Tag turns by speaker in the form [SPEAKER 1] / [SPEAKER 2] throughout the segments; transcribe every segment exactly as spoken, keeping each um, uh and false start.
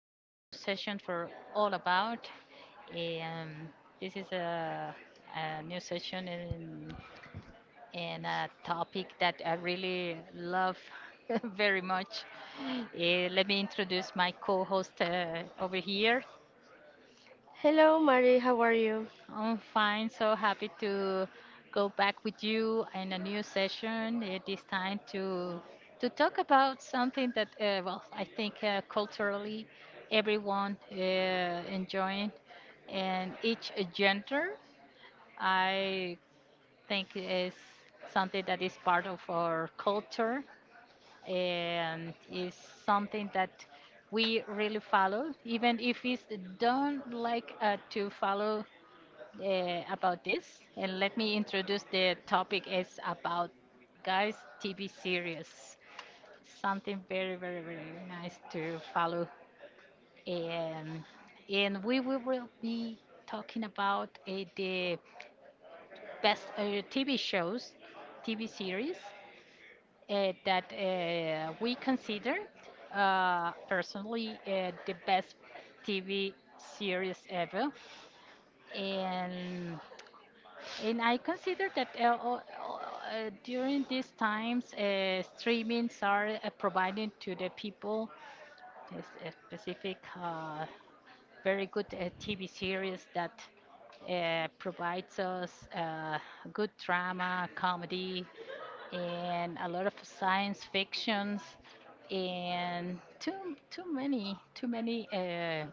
[SPEAKER 1] a new session for All About. Um, this is a, a new session in, in a topic that I really love very much. Uh, let me introduce my co host uh, over here.
[SPEAKER 2] Hello, Mari. How are you?
[SPEAKER 1] I'm fine. So happy to go back with you in a new session. It is time to to talk about something that, uh, well, I think uh, culturally everyone uh, enjoying, and each gender, I think is something that is part of our culture and is something that we really follow, even if it's don't like uh, to follow uh, about this, and let me introduce the topic is about guys T V series. Something very, very, very nice to follow, and and we, we will be talking about uh, the best uh, T V shows, T V series uh, that uh, we consider uh, personally uh, the best T V series ever, and And I consider that uh, o- uh, during these times, uh, streamings are uh, providing to the people this, uh, specific, uh, very good uh, T V series that uh, provides us uh, good drama, comedy, and a lot of science fictions, and too too many too many uh,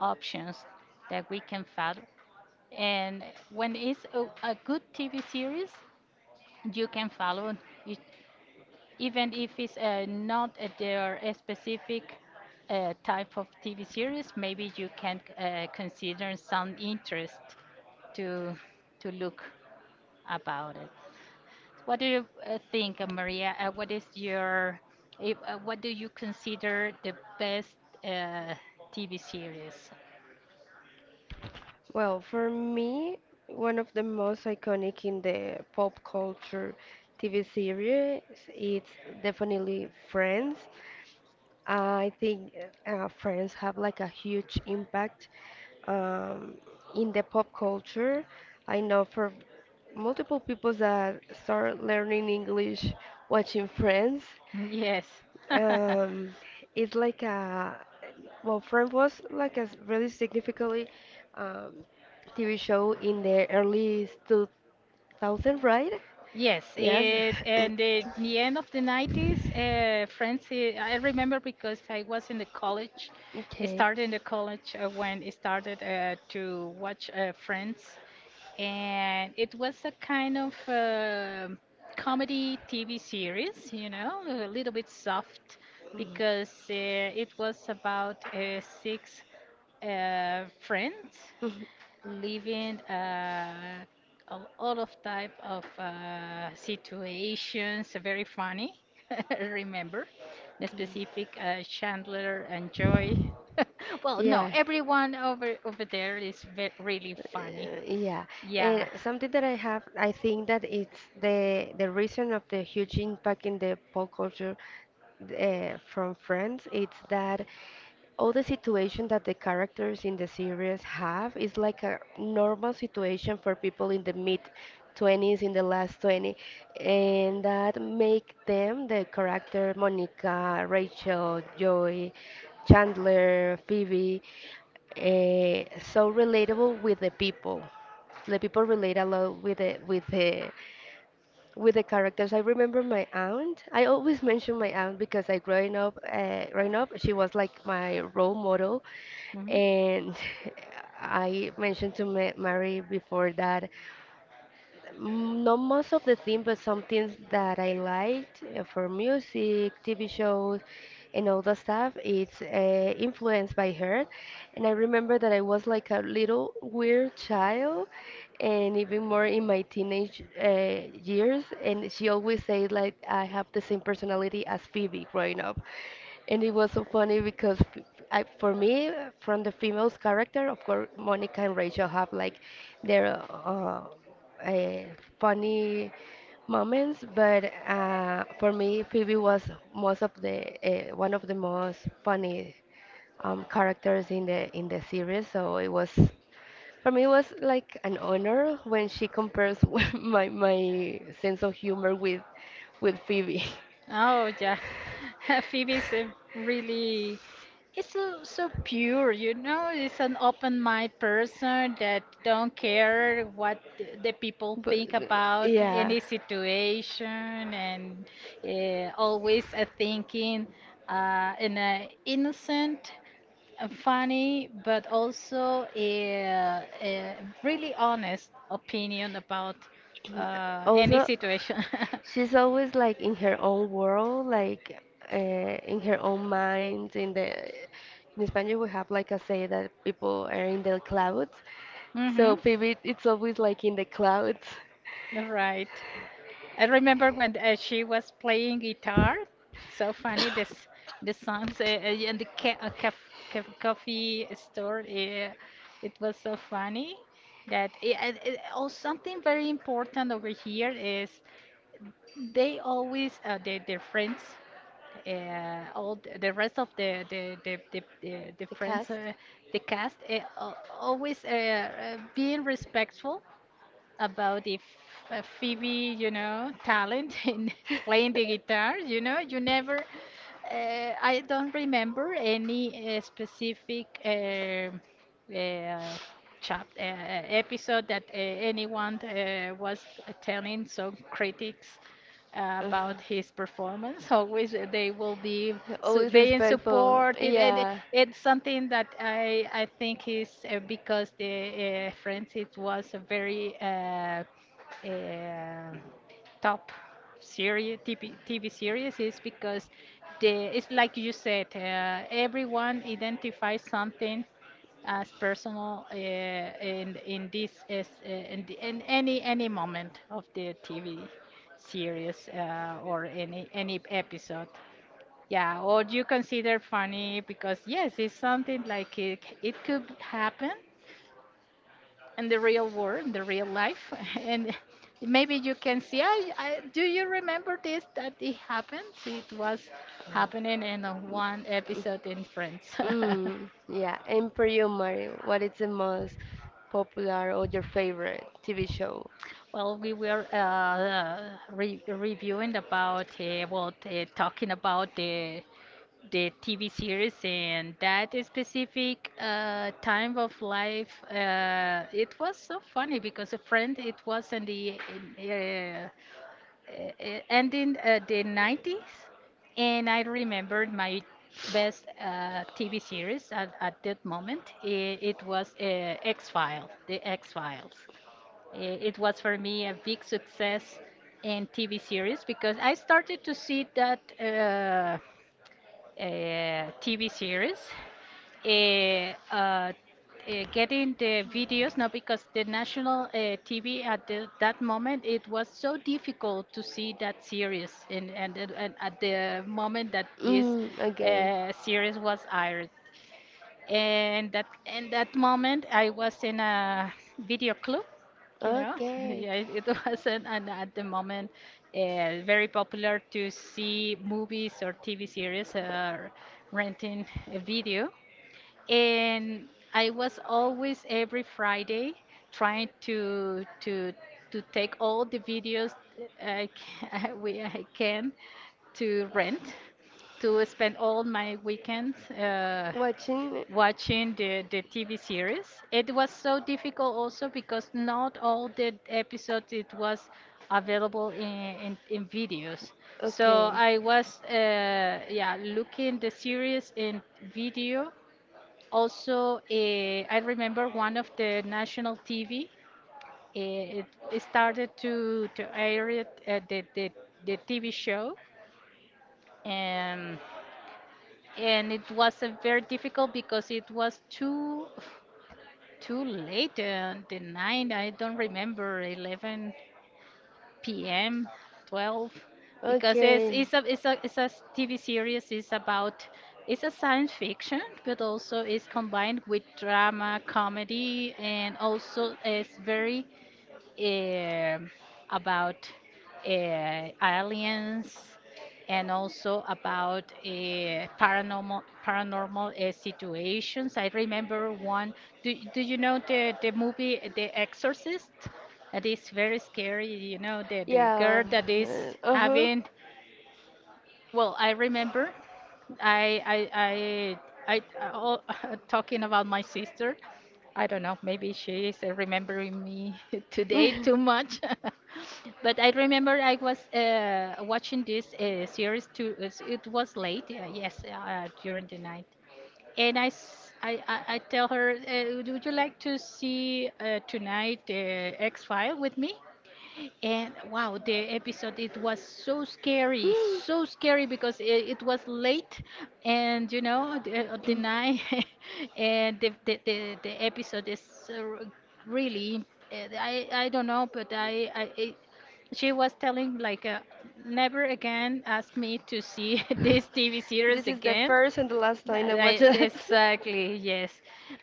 [SPEAKER 1] options that we can follow and when it's a, a good T V series, you can follow it, even if it's uh, not uh, their specific uh, type of T V series. Maybe you can uh, consider some interest to to look about it. What do you uh, think, uh, Maria? Uh, what is your if, uh, what do you consider the best uh, T V series?
[SPEAKER 2] Well, for me, one of the most iconic in the pop culture T V series, it's definitely Friends. I think uh, Friends have like a huge impact um, in the pop culture. I know for multiple people that start learning English watching Friends.
[SPEAKER 1] Yes.
[SPEAKER 2] um, it's like a well, Friends was like a s- really significantly um, T V show in the early two thousands, right?
[SPEAKER 1] Yes,
[SPEAKER 2] Yes.
[SPEAKER 1] it and the, the end of the nineties, uh, friends. eh, I remember because I was in the college. I
[SPEAKER 2] Okay.
[SPEAKER 1] started in the college uh, when I started uh, to watch uh, Friends, and it was a kind of uh, comedy T V series, you know, a little bit soft
[SPEAKER 2] Mm.
[SPEAKER 1] because uh, it was about uh, six uh, friends
[SPEAKER 2] Mhm.
[SPEAKER 1] living uh, a lot of type of uh, situations. Very funny. Remember the specific uh, Chandler and Joy. Well, no, everyone over over there is ve- really funny.
[SPEAKER 2] Uh, Yeah,
[SPEAKER 1] Yeah.
[SPEAKER 2] and something that I have, I think that it's the the reason of the huge impact in the pop culture uh, from Friends. It's that all the situation that the characters in the series have is like a normal situation for people in the mid twenties, in the last twenty, and that make them the character Monica, Rachel, Joey, Chandler, Phoebe, eh, so relatable with the people. The people relate a lot with the with the with the characters. I remember my aunt. I always mention my aunt because I growing up, uh, growing up, she was like my role model,
[SPEAKER 1] Mhm.
[SPEAKER 2] and I mentioned to Ma- Mary before that Mm, not most of the theme, but some things that I liked uh, for music, T V shows, and all that stuff. It's uh, influenced by her, and I remember that I was like a little weird child, and even more in my teenage uh, years. And she always said like I have the same personality as Phoebe growing up, and it was so funny because f- I, for me, from the female's character, of course, Monica and Rachel have like their uh, uh, funny moments, but uh, for me, Phoebe was most of the uh, one of the most funny um, characters in the in the series. So it was for me, it was like an honor when she compares with my my sense of humor with with Phoebe.
[SPEAKER 1] Oh yeah, Phoebe's a really, it's so so pure, you know. It's an open-minded person that don't care what the the people
[SPEAKER 2] But-
[SPEAKER 1] think
[SPEAKER 2] uh,
[SPEAKER 1] about
[SPEAKER 2] yeah.
[SPEAKER 1] any situation, and uh, always uh, thinking uh, in a innocent, uh, funny, but also a, a really honest opinion about uh, any
[SPEAKER 2] Also,
[SPEAKER 1] situation.
[SPEAKER 2] she's always like in her own world like uh, in her own mind in the in Spanish we have like a say that people are in the clouds.
[SPEAKER 1] Mm-hmm.
[SPEAKER 2] So Phoebe, it's always like in the clouds.
[SPEAKER 1] Right. I remember when uh, she was playing guitar. So funny this, the songs uh, uh, and the ca uh, caf caf coffee store. Uh, it was so funny that I and it, oh, something very important over here is they always uh, they, their friends. Uh, all the the rest of the the the the, the, the
[SPEAKER 2] The
[SPEAKER 1] friends,
[SPEAKER 2] cast.
[SPEAKER 1] uh, the cast, uh, al- always uh, uh, being respectful about if uh, Phoebe, you know, talent in playing the guitar. You know, you never. Uh, I don't remember any uh, specific. Um uh, chap uh, episode that uh, anyone uh, was telling some critics uh,
[SPEAKER 2] Ugh.
[SPEAKER 1] about his performance. Always uh, they will be
[SPEAKER 2] You're
[SPEAKER 1] su-
[SPEAKER 2] always
[SPEAKER 1] being
[SPEAKER 2] respectful.
[SPEAKER 1] supported, and it-
[SPEAKER 2] Yeah.
[SPEAKER 1] it's something that I I think is uh, because the uh, Friends it was a very uh, uh, top series T V, T V series is because the it's like you said uh, everyone identifies something as personal uh, in in this is uh, in, the, in any any moment of the T V series uh, or any any episode. Yeah, or you consider funny because yes, it's something like it, it could happen in the real world, in the real life, and maybe you can see. I, I, do you remember this that it happened? It was happening in a one episode in Friends.
[SPEAKER 2] Mm, yeah. And for you, Mari, what is the most popular or your favorite T V show?
[SPEAKER 1] Well, we were uh, uh, re reviewing about uh, well, uh, talking about the the T V series and that specific uh, time of life. Uh, it was so funny because a friend, it was in the in, uh, uh, ending uh, the nineties, and I remembered my best uh, T V series at, at that moment. It, it was uh, X-Files, the X-Files. Eh, It was for me a big success in T V series because I started to see that uh, uh, T V series, eh, uh, eh, getting the videos now because the national uh, T V at the, that moment it was so difficult to see that series and and, and at the moment that this
[SPEAKER 2] Mm, okay.
[SPEAKER 1] uh, series was aired. And that in that moment, I was in a video club. You know,
[SPEAKER 2] Okay.
[SPEAKER 1] yeah, it it wasn't an, at the moment uh, very popular to see movies or T V series or renting a video. And I was always every Friday trying to to to take all the videos I can, we, I can to rent to spend all my weekends. Uh,
[SPEAKER 2] Watching.
[SPEAKER 1] watching the, the T V series. It was so difficult also because not all the episodes it was available in, in, in videos. So I was uh, yeah looking the series in video. Also, uh, I remember one of the national T V. eh, It, it started to to air it, uh, the, the the T V show. and and it was a very difficult because it was too too late on the night. I don't remember eleven p m twelve because it's
[SPEAKER 2] Okay.
[SPEAKER 1] it's a
[SPEAKER 2] Okay.
[SPEAKER 1] it's a it's a s- T V series. It's about it's a science fiction, but also it's combined with drama, comedy, and also it's very um about uh, aliens and also about uh, paranormal paranormal uh, situations. I remember one. Do, do you know the, the movie uh, The Exorcist? That is very scary. You know the, the
[SPEAKER 2] Yeah.
[SPEAKER 1] girl that is
[SPEAKER 2] Uh huh.
[SPEAKER 1] having, well, I remember I I I I all, talking about my sister. I don't know, maybe she is uh, remembering me today too much. But I remember I was uh, watching this uh, series too. it's- It was late, uh, yes, uh, during the night. And I, s- I- I- I tell her, uh, would you like to see uh, tonight uh, X-File with me? And wow, the episode it was so scary, so scary because it, it was late, and you know the, uh, the night, and the the, the, the episode is uh, r- really uh, I I don't know, but I I it, she was telling like uh, never again ask me to see this T V series
[SPEAKER 2] This is the
[SPEAKER 1] again.
[SPEAKER 2] first and the last time I watch
[SPEAKER 1] I,
[SPEAKER 2] it.
[SPEAKER 1] exactly, yes.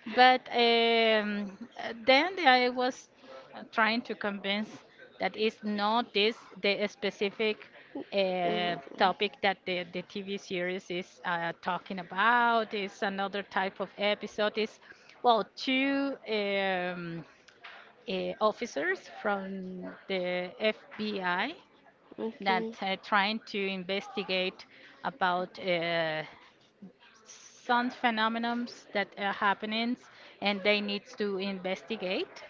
[SPEAKER 1] But um, uh, then I was uh, trying to convince that it's not this the specific uh, topic that the, the T V series is uh,
[SPEAKER 2] Uh,
[SPEAKER 1] talking about. It's another type of episode. It's, well, two um, uh, officers from the F B I that
[SPEAKER 2] Okay.
[SPEAKER 1] uh, trying to investigate about uh, some phenomena that are happening and they need to investigate.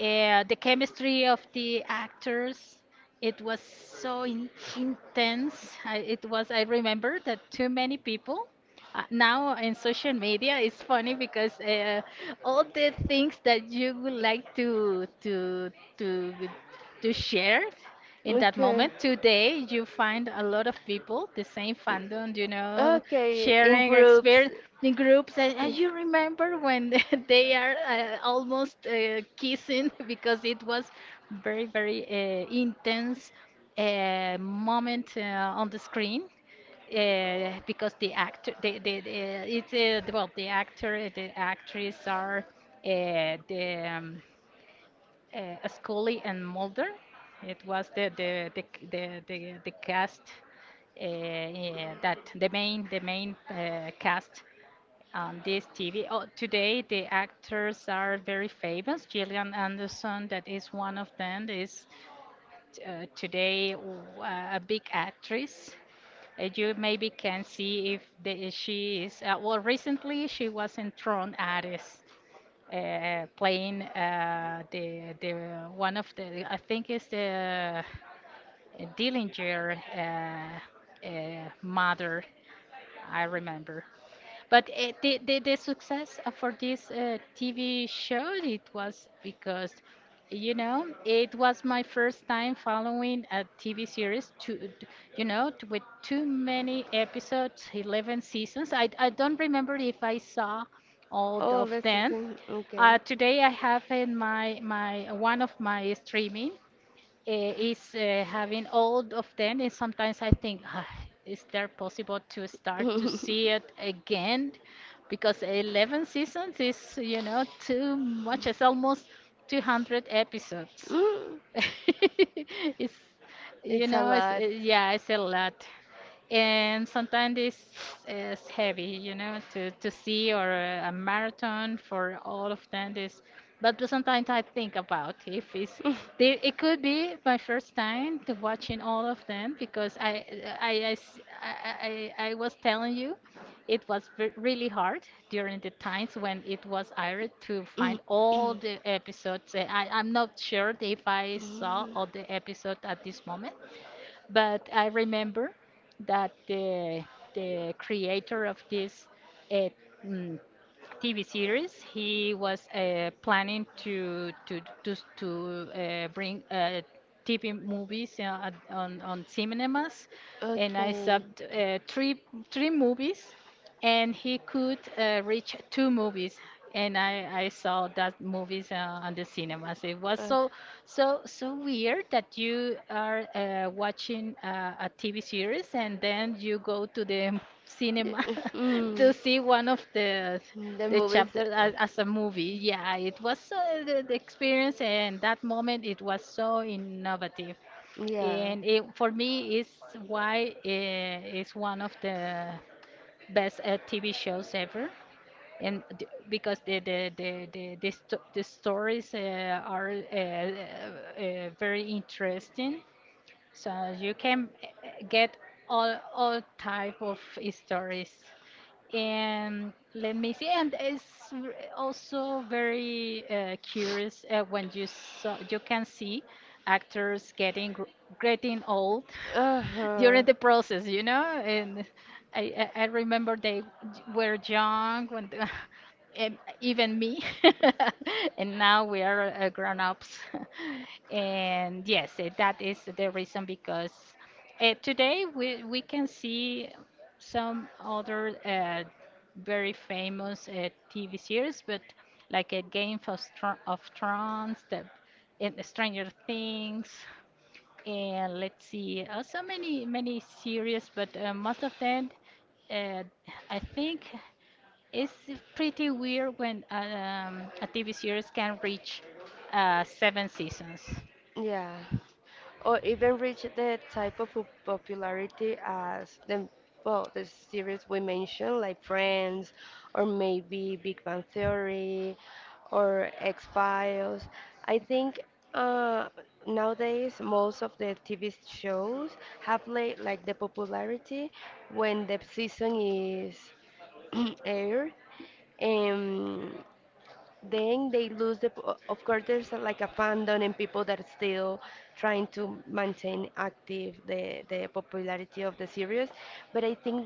[SPEAKER 1] Uh, the chemistry of the actors, it was so in- intense. I, it was, I remember that too many people uh, now in social media it's funny because uh, all the things that you would like to to to to share in that
[SPEAKER 2] Okay.
[SPEAKER 1] moment today you find a lot of people the same fandom you know
[SPEAKER 2] Okay, in
[SPEAKER 1] sharing
[SPEAKER 2] groups.
[SPEAKER 1] experience in groups and, and
[SPEAKER 2] Yeah.
[SPEAKER 1] you remember when they are uh, almost uh, kissing because it was very very uh, intense uh, moment uh, on the screen uh, because the actor, the, the, the it's uh, the- well, the actor, eh, the actress are uh, the um, uh, Scully and Mulder. It was the the the c- the, the, the cast uh, yeah, that the main the main uh, cast on this T V. Oh, today the actors are very famous. Gillian Anderson, that is one of them, is uh, today w- a big actress. uh, You maybe can see if the, she is. Uh, well, recently she was in Tron Ares, uh, playing uh, the the one of the, I think it's the uh, Dillinger uh, uh, mother. I remember. But uh, the, the the success uh, for this uh, T V show it was because, you know, it was my first time following a T V series to, you know, t with too many episodes, eleven seasons. I I don't remember if I saw all
[SPEAKER 2] Oh,
[SPEAKER 1] of
[SPEAKER 2] that's is
[SPEAKER 1] them.
[SPEAKER 2] in- okay.
[SPEAKER 1] Uh, today I have in my my one of my streaming, eh, is uh, having all of them and sometimes I think, "Ah, is there possible to start to see it again because eleven seasons is you know too much, it's almost two hundred episodes.
[SPEAKER 2] Mm,
[SPEAKER 1] It's, you
[SPEAKER 2] it's a
[SPEAKER 1] know, it's, uh,
[SPEAKER 2] lot.
[SPEAKER 1] yeah, it's a lot. And sometimes it's, it's heavy, you know, to, to see or a marathon for all of them is, but sometimes I think about if it's, they, it could be my first time to watching all of them because I, I, I, s- I, I I was telling you. It was ve- really hard during the times when it was aired to find all the episodes. Uh, I, I'm not sure if I saw all the episodes at this moment, but I remember that the the creator of this uh, mm, T V series, he was uh, planning to to to to uh, bring uh, T V movies uh, at- on on cinemas, and I saw t- uh, three three movies and he could uh, reach two movies and I, I saw that movies uh, on the cinemas. It was so so so weird that you are uh, watching uh, a TV series and then you go to the cinema to see one of the the chapters as, as a movie. Yeah, it was uh, the, the experience, and that moment it was so innovative,
[SPEAKER 2] Yeah.
[SPEAKER 1] and it, for me is why uh, it's one of the best uh, T V shows ever, and d- because the the the the, the, sto- the stories uh, are uh, uh, uh, very interesting, so you can uh, uh, get all all type of stories. And let me see. And it's r- also very uh, curious uh, when you saw, you can see actors getting gr- getting old
[SPEAKER 2] Uh
[SPEAKER 1] during
[SPEAKER 2] huh.
[SPEAKER 1] the process, you know. And I, I I remember they j- were young when the- and even me, and now we are uh, grown ups. And yes, eh, that is the reason because uh, today we we can see some other uh, very famous uh, T V series, but like a Game of, Thro- of Thrones, the, and Stranger Things, and let's see, uh, so many many series, but uh, most of them, uh, I think, it's pretty weird when uh, um, a T V series can reach uh, seven seasons.
[SPEAKER 2] Yeah. Or even reach the type of po- popularity as the well, the series we mentioned, like Friends, or maybe Big Bang Theory, or X Files. I think uh, nowadays most of the T V shows have like, like the popularity when the season is aired, and then they lose the p- of course there's uh, like a fandom and people that are still trying to maintain active the the popularity of the series. But I think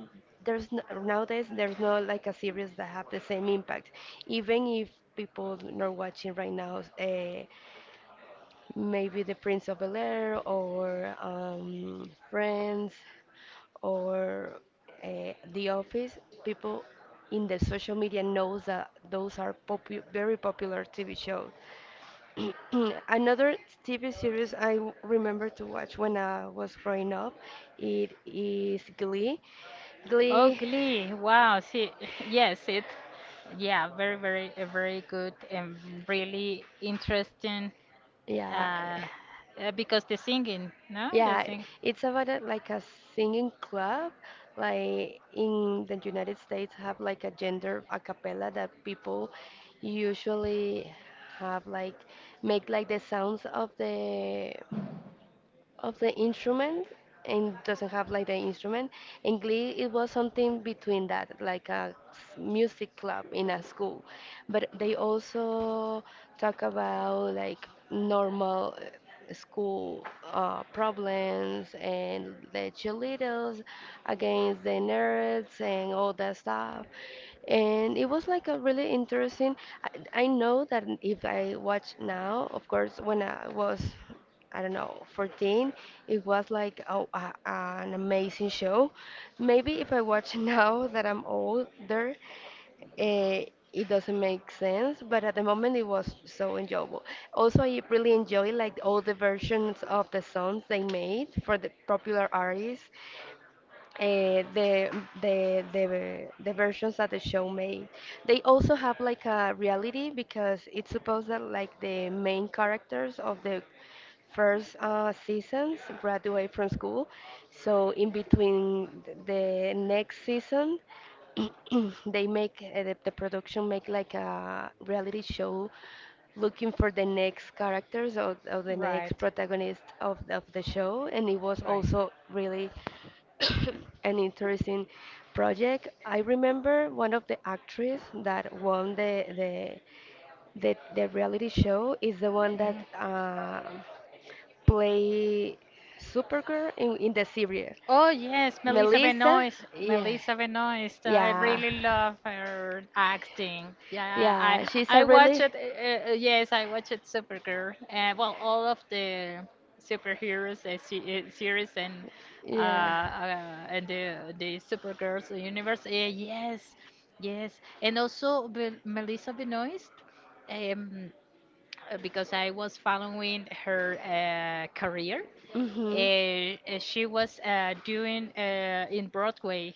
[SPEAKER 2] there's no, nowadays there's not like a series that have the same impact, even if people are watching right now, uh, maybe The Prince of Bel Air, or um, Friends, or uh, The Office. People in the social media knows that those are popu- very popular TV shows. Another TV series I w- remember to watch when I was growing up, it is Glee.
[SPEAKER 1] Oh,
[SPEAKER 2] Glee.
[SPEAKER 1] Glee. Wow. See, yes, it. Yeah, very, very, a very good and really interesting.
[SPEAKER 2] Yeah.
[SPEAKER 1] Uh, uh, because the singing, no, the
[SPEAKER 2] Yeah,
[SPEAKER 1] sing.
[SPEAKER 2] it's about a, like a singing club. Like in the United States, have like a gender a cappella that people usually have like make like the sounds of the of the instrument, and doesn't have like the instrument. And Glee, it was something between that, like a s- music club in a school. But they also talk about like normal uh, school uh, problems and the cheerleaders against the nerds and all that stuff. And it was like a really interesting. I, I know that if I watch now, of course, when I was I don't know, fourteen. It was like oh, uh, an amazing show. Maybe if I watch it now that I'm older, eh, it doesn't make sense, but at the moment it was so enjoyable. Also, I really enjoy like all the versions of the songs they made for the popular artists, uh, the the the the versions that the show made. They also have like a reality because it's supposed that like the main characters of the first uh, seasons graduate from school. So in between th- the next season, they make uh, the, the production make like a reality show looking for the next characters, or, or the next
[SPEAKER 1] Right.
[SPEAKER 2] protagonist of, of the show, and it was
[SPEAKER 1] Right.
[SPEAKER 2] also really an interesting project. I remember one of the actresses that won the the the, the reality show is the one that uh, play Supergirl in, in the series.
[SPEAKER 1] Oh yes, Melissa
[SPEAKER 2] Melissa,
[SPEAKER 1] Benoist.
[SPEAKER 2] yeah,
[SPEAKER 1] Melissa Benoist. I
[SPEAKER 2] yeah,
[SPEAKER 1] really love her acting. Yeah, I
[SPEAKER 2] yeah. She's a
[SPEAKER 1] I watched
[SPEAKER 2] really,
[SPEAKER 1] it. Uh, uh, yes, I watched Supergirl. Uh, well, all of the superheroes uh, se- uh, series and uh,
[SPEAKER 2] yeah.
[SPEAKER 1] uh and the the Supergirls universe. Uh, yes, yes, and also Be- Melissa Benoist. Um, uh, because I was following her uh, career, uh,
[SPEAKER 2] Mhm.
[SPEAKER 1] uh, she was uh, doing uh, in Broadway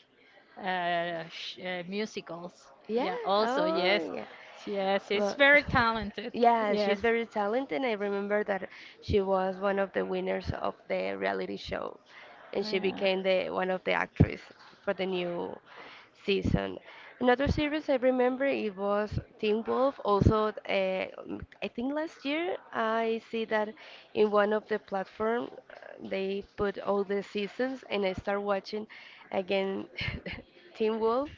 [SPEAKER 1] uh, sh uh, musicals.
[SPEAKER 2] Yeah.
[SPEAKER 1] Yeah, also, yes.
[SPEAKER 2] Oh, yeah.
[SPEAKER 1] Yes, she's
[SPEAKER 2] Well,
[SPEAKER 1] very talented.
[SPEAKER 2] yeah,
[SPEAKER 1] Yes.
[SPEAKER 2] she's very talented. I remember that she was one of the winners of the reality show, and she
[SPEAKER 1] Yeah.
[SPEAKER 2] became the one of the actresses for the new season. Another series I remember it was Teen Wolf. Also, uh, I think last year I see that in one of the platform, uh, they put all the seasons, and I start watching again Teen Wolf.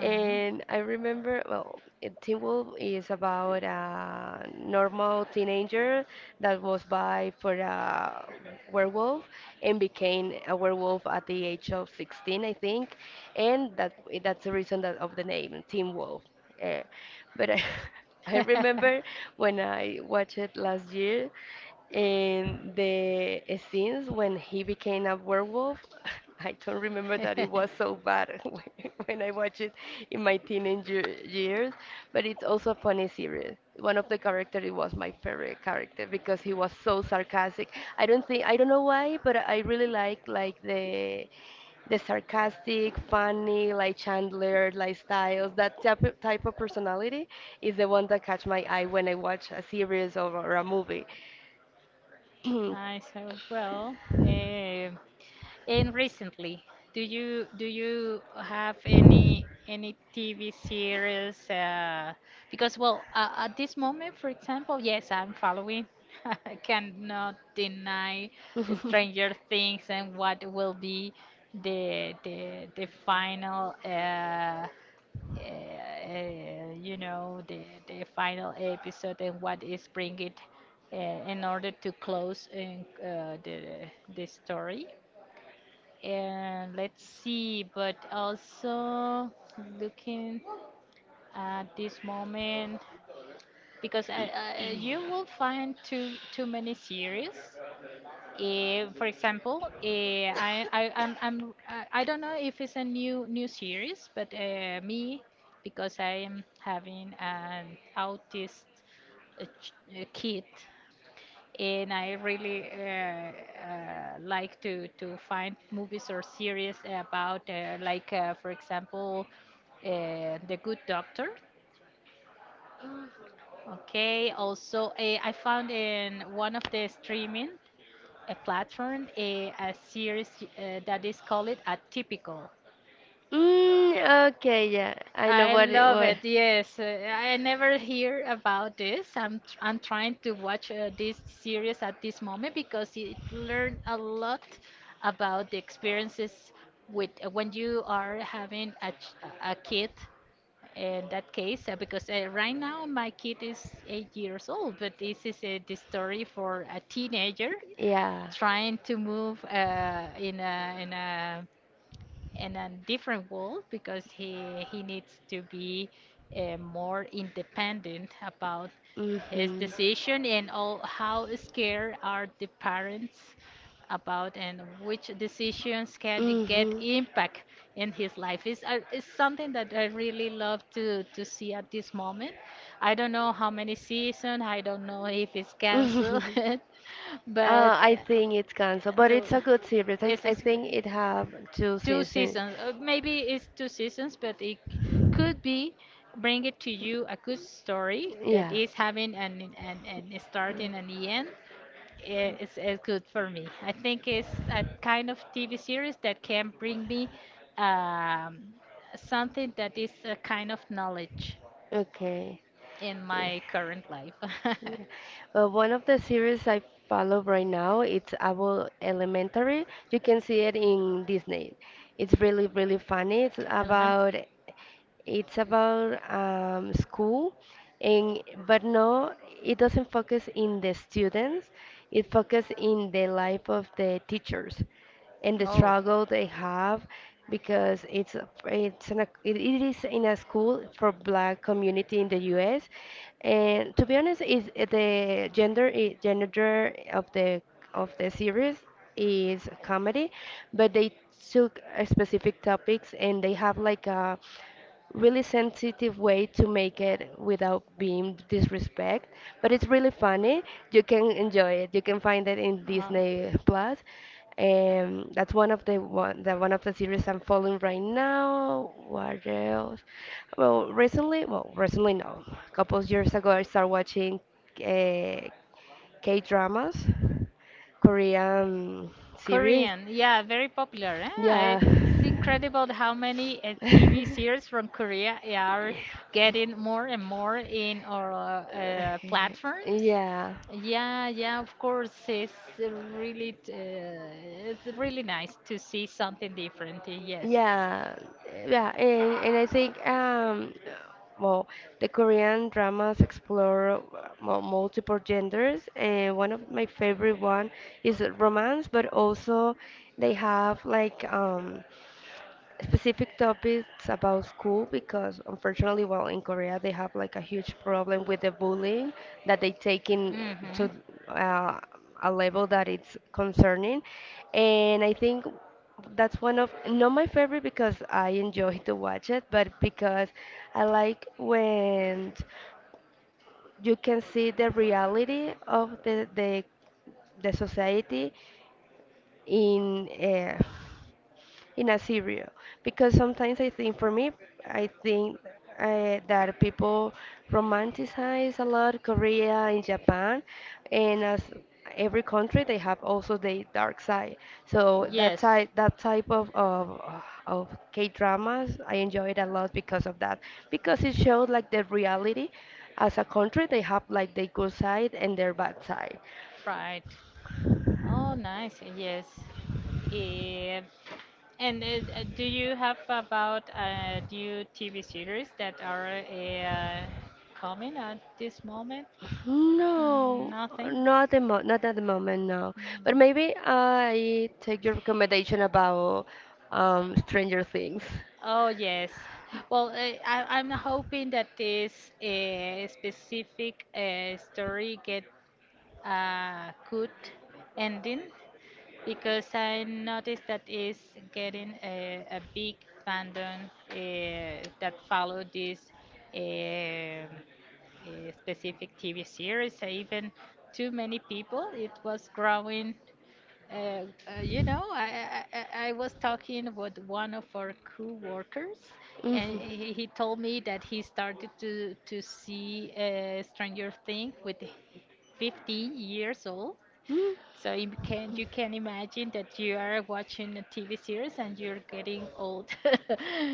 [SPEAKER 2] And I remember, well, it- Teen Wolf is about a normal teenager that was by for a werewolf and became a werewolf at the age of sixteen, I think.
[SPEAKER 1] Uh-huh.
[SPEAKER 2] And that that's the reason that of the name, Teen Wolf. Eh, but I, I remember when I watched it last year, and the scenes when he became a werewolf, I don't remember that it was so bad when when I watched it in my teenage ye- years, but it's also a funny series. One of the characters, it was my favorite character because he was so sarcastic. I don't think I don't know why, but I really like like the the sarcastic, funny, like Chandler, like Styles. That type of, type of personality is the one that catch my eye when I watch a series, or, or a movie. Mm,
[SPEAKER 1] Nice. Uh, well, eh, and recently, do you do you have any any T V series? Uh, because well, uh, at this moment, for example, yes, I'm following. I cannot deny Stranger Things, and what will be the the the final uh, uh, you know, the the final episode, and what is bring it uh, in order to close in, uh, the the story, and let's see, but also looking at this moment because uh, uh, you will find too too many series. Eh, for example, eh, I I I'm, I'm I I don't know if it's a new new series, but uh, me because I am having an autist uh, ch- uh, kid, and I really uh, uh, like to to find movies or series about uh, like uh, for example uh, The Good Doctor. Okay, also uh, I found in one of the streaming a platform a, a series uh, that is called Atypical.
[SPEAKER 2] Mm, okay, yeah, I know
[SPEAKER 1] I
[SPEAKER 2] what it
[SPEAKER 1] love
[SPEAKER 2] was.
[SPEAKER 1] it. Yes, uh, I never hear about this. I'm tr- I'm trying to watch uh, this series at this moment because it learned a lot about the experiences with uh, when you are having a ch- a a kid. In that case, uh, because uh, right now my kid is eight years old, but this is uh, the story for a teenager
[SPEAKER 2] Yeah.
[SPEAKER 1] trying to move uh, in a in a in a different world because he he needs to be uh, more independent about his
[SPEAKER 2] Mhm.
[SPEAKER 1] decision, and all how scared are the parents about, and which decisions can get
[SPEAKER 2] Hmm.
[SPEAKER 1] impact in his life is uh, is something that I really love to to see at this moment. I don't know how many season, I don't know if it's canceled,
[SPEAKER 2] Uh,
[SPEAKER 1] but
[SPEAKER 2] I
[SPEAKER 1] uh,
[SPEAKER 2] think it's cancer, but it's
[SPEAKER 1] the,
[SPEAKER 2] a good series. I,
[SPEAKER 1] it's a
[SPEAKER 2] I think it have two
[SPEAKER 1] two
[SPEAKER 2] seasons.
[SPEAKER 1] seasons. Uh, maybe it's two seasons, but it c- could be bring it to you a good story that
[SPEAKER 2] Yeah.
[SPEAKER 1] is having an an, an a start and an end. I- It's, it's good for me. I think it's a kind of T V series that can bring me um, something that is a kind of knowledge
[SPEAKER 2] Okay.
[SPEAKER 1] in
[SPEAKER 2] Yeah.
[SPEAKER 1] my current life.
[SPEAKER 2] Yeah. Uh, one of the series I follow right now, it's Abbott Elementary. You can see it in Disney. It's really, really funny. It's
[SPEAKER 1] Element.
[SPEAKER 2] about it's about um, school, and but no, it doesn't focus in the students. It focuses in the life of the teachers and the
[SPEAKER 1] Oh,
[SPEAKER 2] struggle they have because it's a- it's an, it it is in a school for black community in the U S, and to be honest is the gender i- gender of the of the series is comedy, but they took uh, specific topics and they have like a really sensitive way to make it without being disrespect, but it's really funny. You can enjoy it. You can find it in
[SPEAKER 1] uh,
[SPEAKER 2] Disney Plus, and that's one of the one the one of the series I'm following right now. What else? Well, recently, well recently no a couple of years ago I started watching uh, K dramas, Korean series.
[SPEAKER 1] Korean, yeah, very popular. Eh? I-
[SPEAKER 2] Yeah.
[SPEAKER 1] It's incredible how many uh, T V series from Korea eh, are getting more and more in our uh, platforms.
[SPEAKER 2] Yeah.
[SPEAKER 1] Yeah, yeah, of course, it's really, t- uh, it's really nice to see something different. Eh, yes.
[SPEAKER 2] Yeah, yeah, and, and I think, um, well, the Korean dramas explore mu- multiple genders, and one of my favorite one is romance, but also they have like, um, specific topics about school, because unfortunately well in Korea they have like a huge problem with the bullying that they take in
[SPEAKER 1] Mm-hmm.
[SPEAKER 2] to, uh, a level that it's concerning. And I think that's one of not my favorite, because I enjoy to watch it, but because I like when you can see the reality of the the the society in, uh, in a serial. Because sometimes I think for me I think uh, that people romanticize a lot Korea and Japan, and as every country they have also the dark side. So that
[SPEAKER 1] Yes,
[SPEAKER 2] type that type of of, of K dramas I enjoy it a lot because of that, because it showed like the reality. As a country they have like the good side and their bad side.
[SPEAKER 1] right. Oh, nice. Yes. Eh, and uh, uh, do you have about uh, new T V series that are uh, coming at this moment?
[SPEAKER 2] No,
[SPEAKER 1] Nothing.
[SPEAKER 2] not the mo not at the moment, no. But
[SPEAKER 1] Nothing.
[SPEAKER 2] maybe I take your recommendation about um, Stranger Things.
[SPEAKER 1] Oh yes. Well, I, I- I'm hoping that this uh, specific uh, story get a good ending because I noticed that is getting a, a big fandom uh, that followed this um, uh, specific T V series. Uh, Even too many people, it was growing. Uh, uh, you know, I, I I I was talking with one of our co-workers, and
[SPEAKER 2] Mhm.
[SPEAKER 1] he, he told me that he started to to see uh, Stranger Things with fifteen years old,
[SPEAKER 2] Mm.
[SPEAKER 1] so you can you can imagine that you are watching a T V series and you're getting old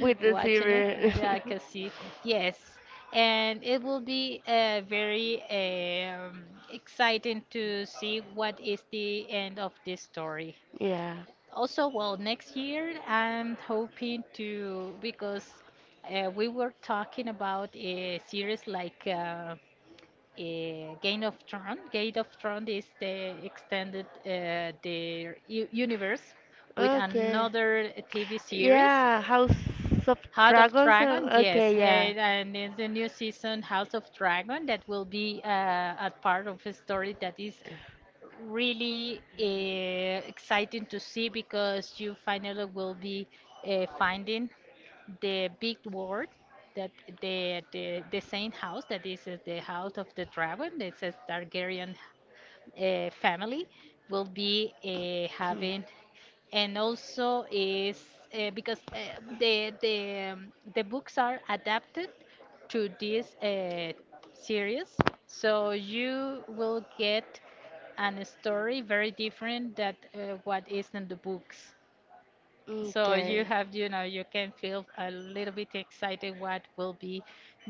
[SPEAKER 2] With the
[SPEAKER 1] watching it.
[SPEAKER 2] series.
[SPEAKER 1] Like a see, yes, and it will be uh, very um, exciting to see what is the end of this story.
[SPEAKER 2] Yeah.
[SPEAKER 1] Also, well, next year I'm hoping to because uh, we were talking about a series like. Uh, uh, Game of Thrones. Game of Thrones is the extended uh, the u- universe with
[SPEAKER 2] Okay.
[SPEAKER 1] another T V series,
[SPEAKER 2] Yeah, House of
[SPEAKER 1] House of
[SPEAKER 2] Dragons.
[SPEAKER 1] Dragon.
[SPEAKER 2] uh,
[SPEAKER 1] Yes,
[SPEAKER 2] Okay, yeah.
[SPEAKER 1] and, and it's the new season, House of Dragon, that will be uh, a part of a story that is really uh, exciting to see because you finally will be uh, finding the big word that the the, the same house that is uh, the house of the dragon. It says Targaryen uh, family will be uh, having, and also is uh, because uh, the the um, the books are adapted to this uh, series, so you will get an story very different that uh, what is in the books. So you
[SPEAKER 2] Okay.
[SPEAKER 1] have, you know, you can feel a little bit excited what will be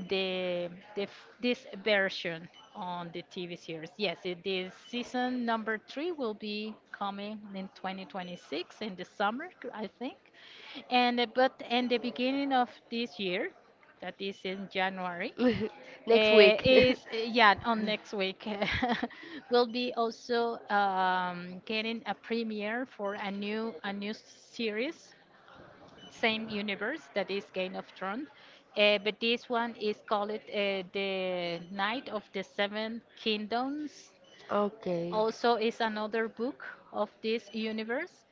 [SPEAKER 1] the, the f- this version on the T V series. Yes, it is season number three will be coming in twenty twenty-six in the summer, c- I think. And uh, but in the beginning of this year, that is in January,
[SPEAKER 2] Next
[SPEAKER 1] uh,
[SPEAKER 2] week.
[SPEAKER 1] is uh, yeah on next week we'll be also um, getting a premiere for a new a new series same universe that is Game of Thrones, uh, but this one is called uh, the Knight of the Seven Kingdoms.
[SPEAKER 2] Okay.
[SPEAKER 1] Also, is another book of this universe.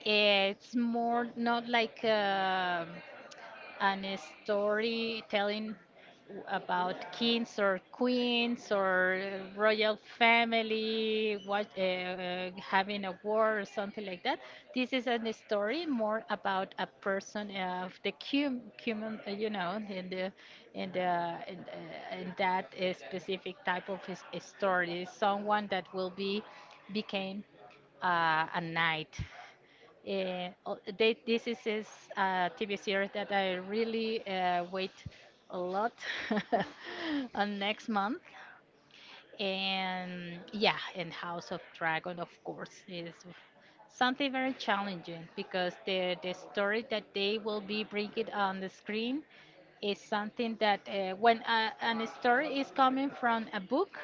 [SPEAKER 1] It's more not like. Uh, and a story telling w- about kings or queens or royal family what, uh, uh, having a war or something like that. This is a story more about a person of the cum, human uh, you know in the in the in, uh, in that uh, specific type of his, story, someone that will be became uh, a knight uh, o- they, this is, is a T V series that I really uh, wait a lot on next month. And yeah, and House of Dragon, of course, is something very challenging because the, the story that they will be bringing on the screen is something that uh, when a, an story is coming from a book,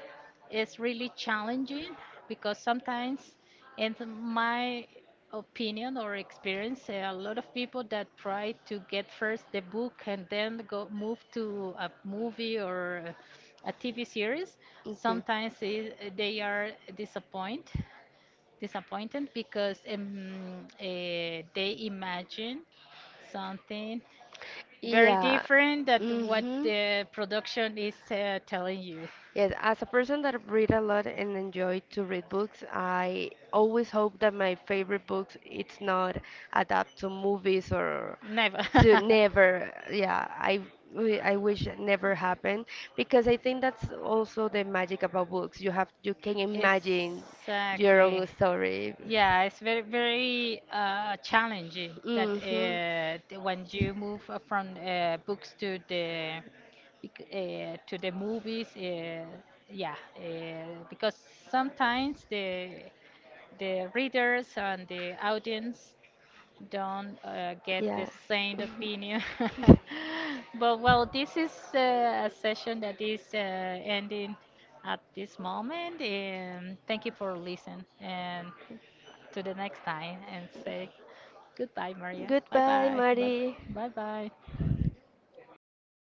[SPEAKER 1] it's really challenging because sometimes in my opinion or experience uh, a lot of people that try to get first the book and then go move to a movie or a TV series
[SPEAKER 2] Okay.
[SPEAKER 1] sometimes i- they are disappointed, disappointed because um, uh, they imagine something very
[SPEAKER 2] Yeah.
[SPEAKER 1] different that what
[SPEAKER 2] Mm-hmm.
[SPEAKER 1] the production is uh, telling you.
[SPEAKER 2] Yes, as a person that read a lot and enjoy to read books, I always hope that my favorite books it's not adapt to movies or
[SPEAKER 1] Never.
[SPEAKER 2] to never. Yeah, I w- I wish it never happened, because I think that's also the magic about books. You have you can imagine your
[SPEAKER 1] Exactly.
[SPEAKER 2] own story.
[SPEAKER 1] Yeah, it's very very uh, challenging that
[SPEAKER 2] Mhm.
[SPEAKER 1] uh, the- when you move uh, from uh, books to the bec- uh, to the movies. Uh, yeah, uh, because sometimes the the readers and the audience don't uh, get the
[SPEAKER 2] Yeah.
[SPEAKER 1] same opinion. But well, this is uh, a session that is uh, ending at this moment. And thank you for listening. And to the next time, and say goodbye, Maria. Bye
[SPEAKER 2] Goodbye,
[SPEAKER 1] bye. Bye bye.
[SPEAKER 2] Maddie.
[SPEAKER 1] Bye bye.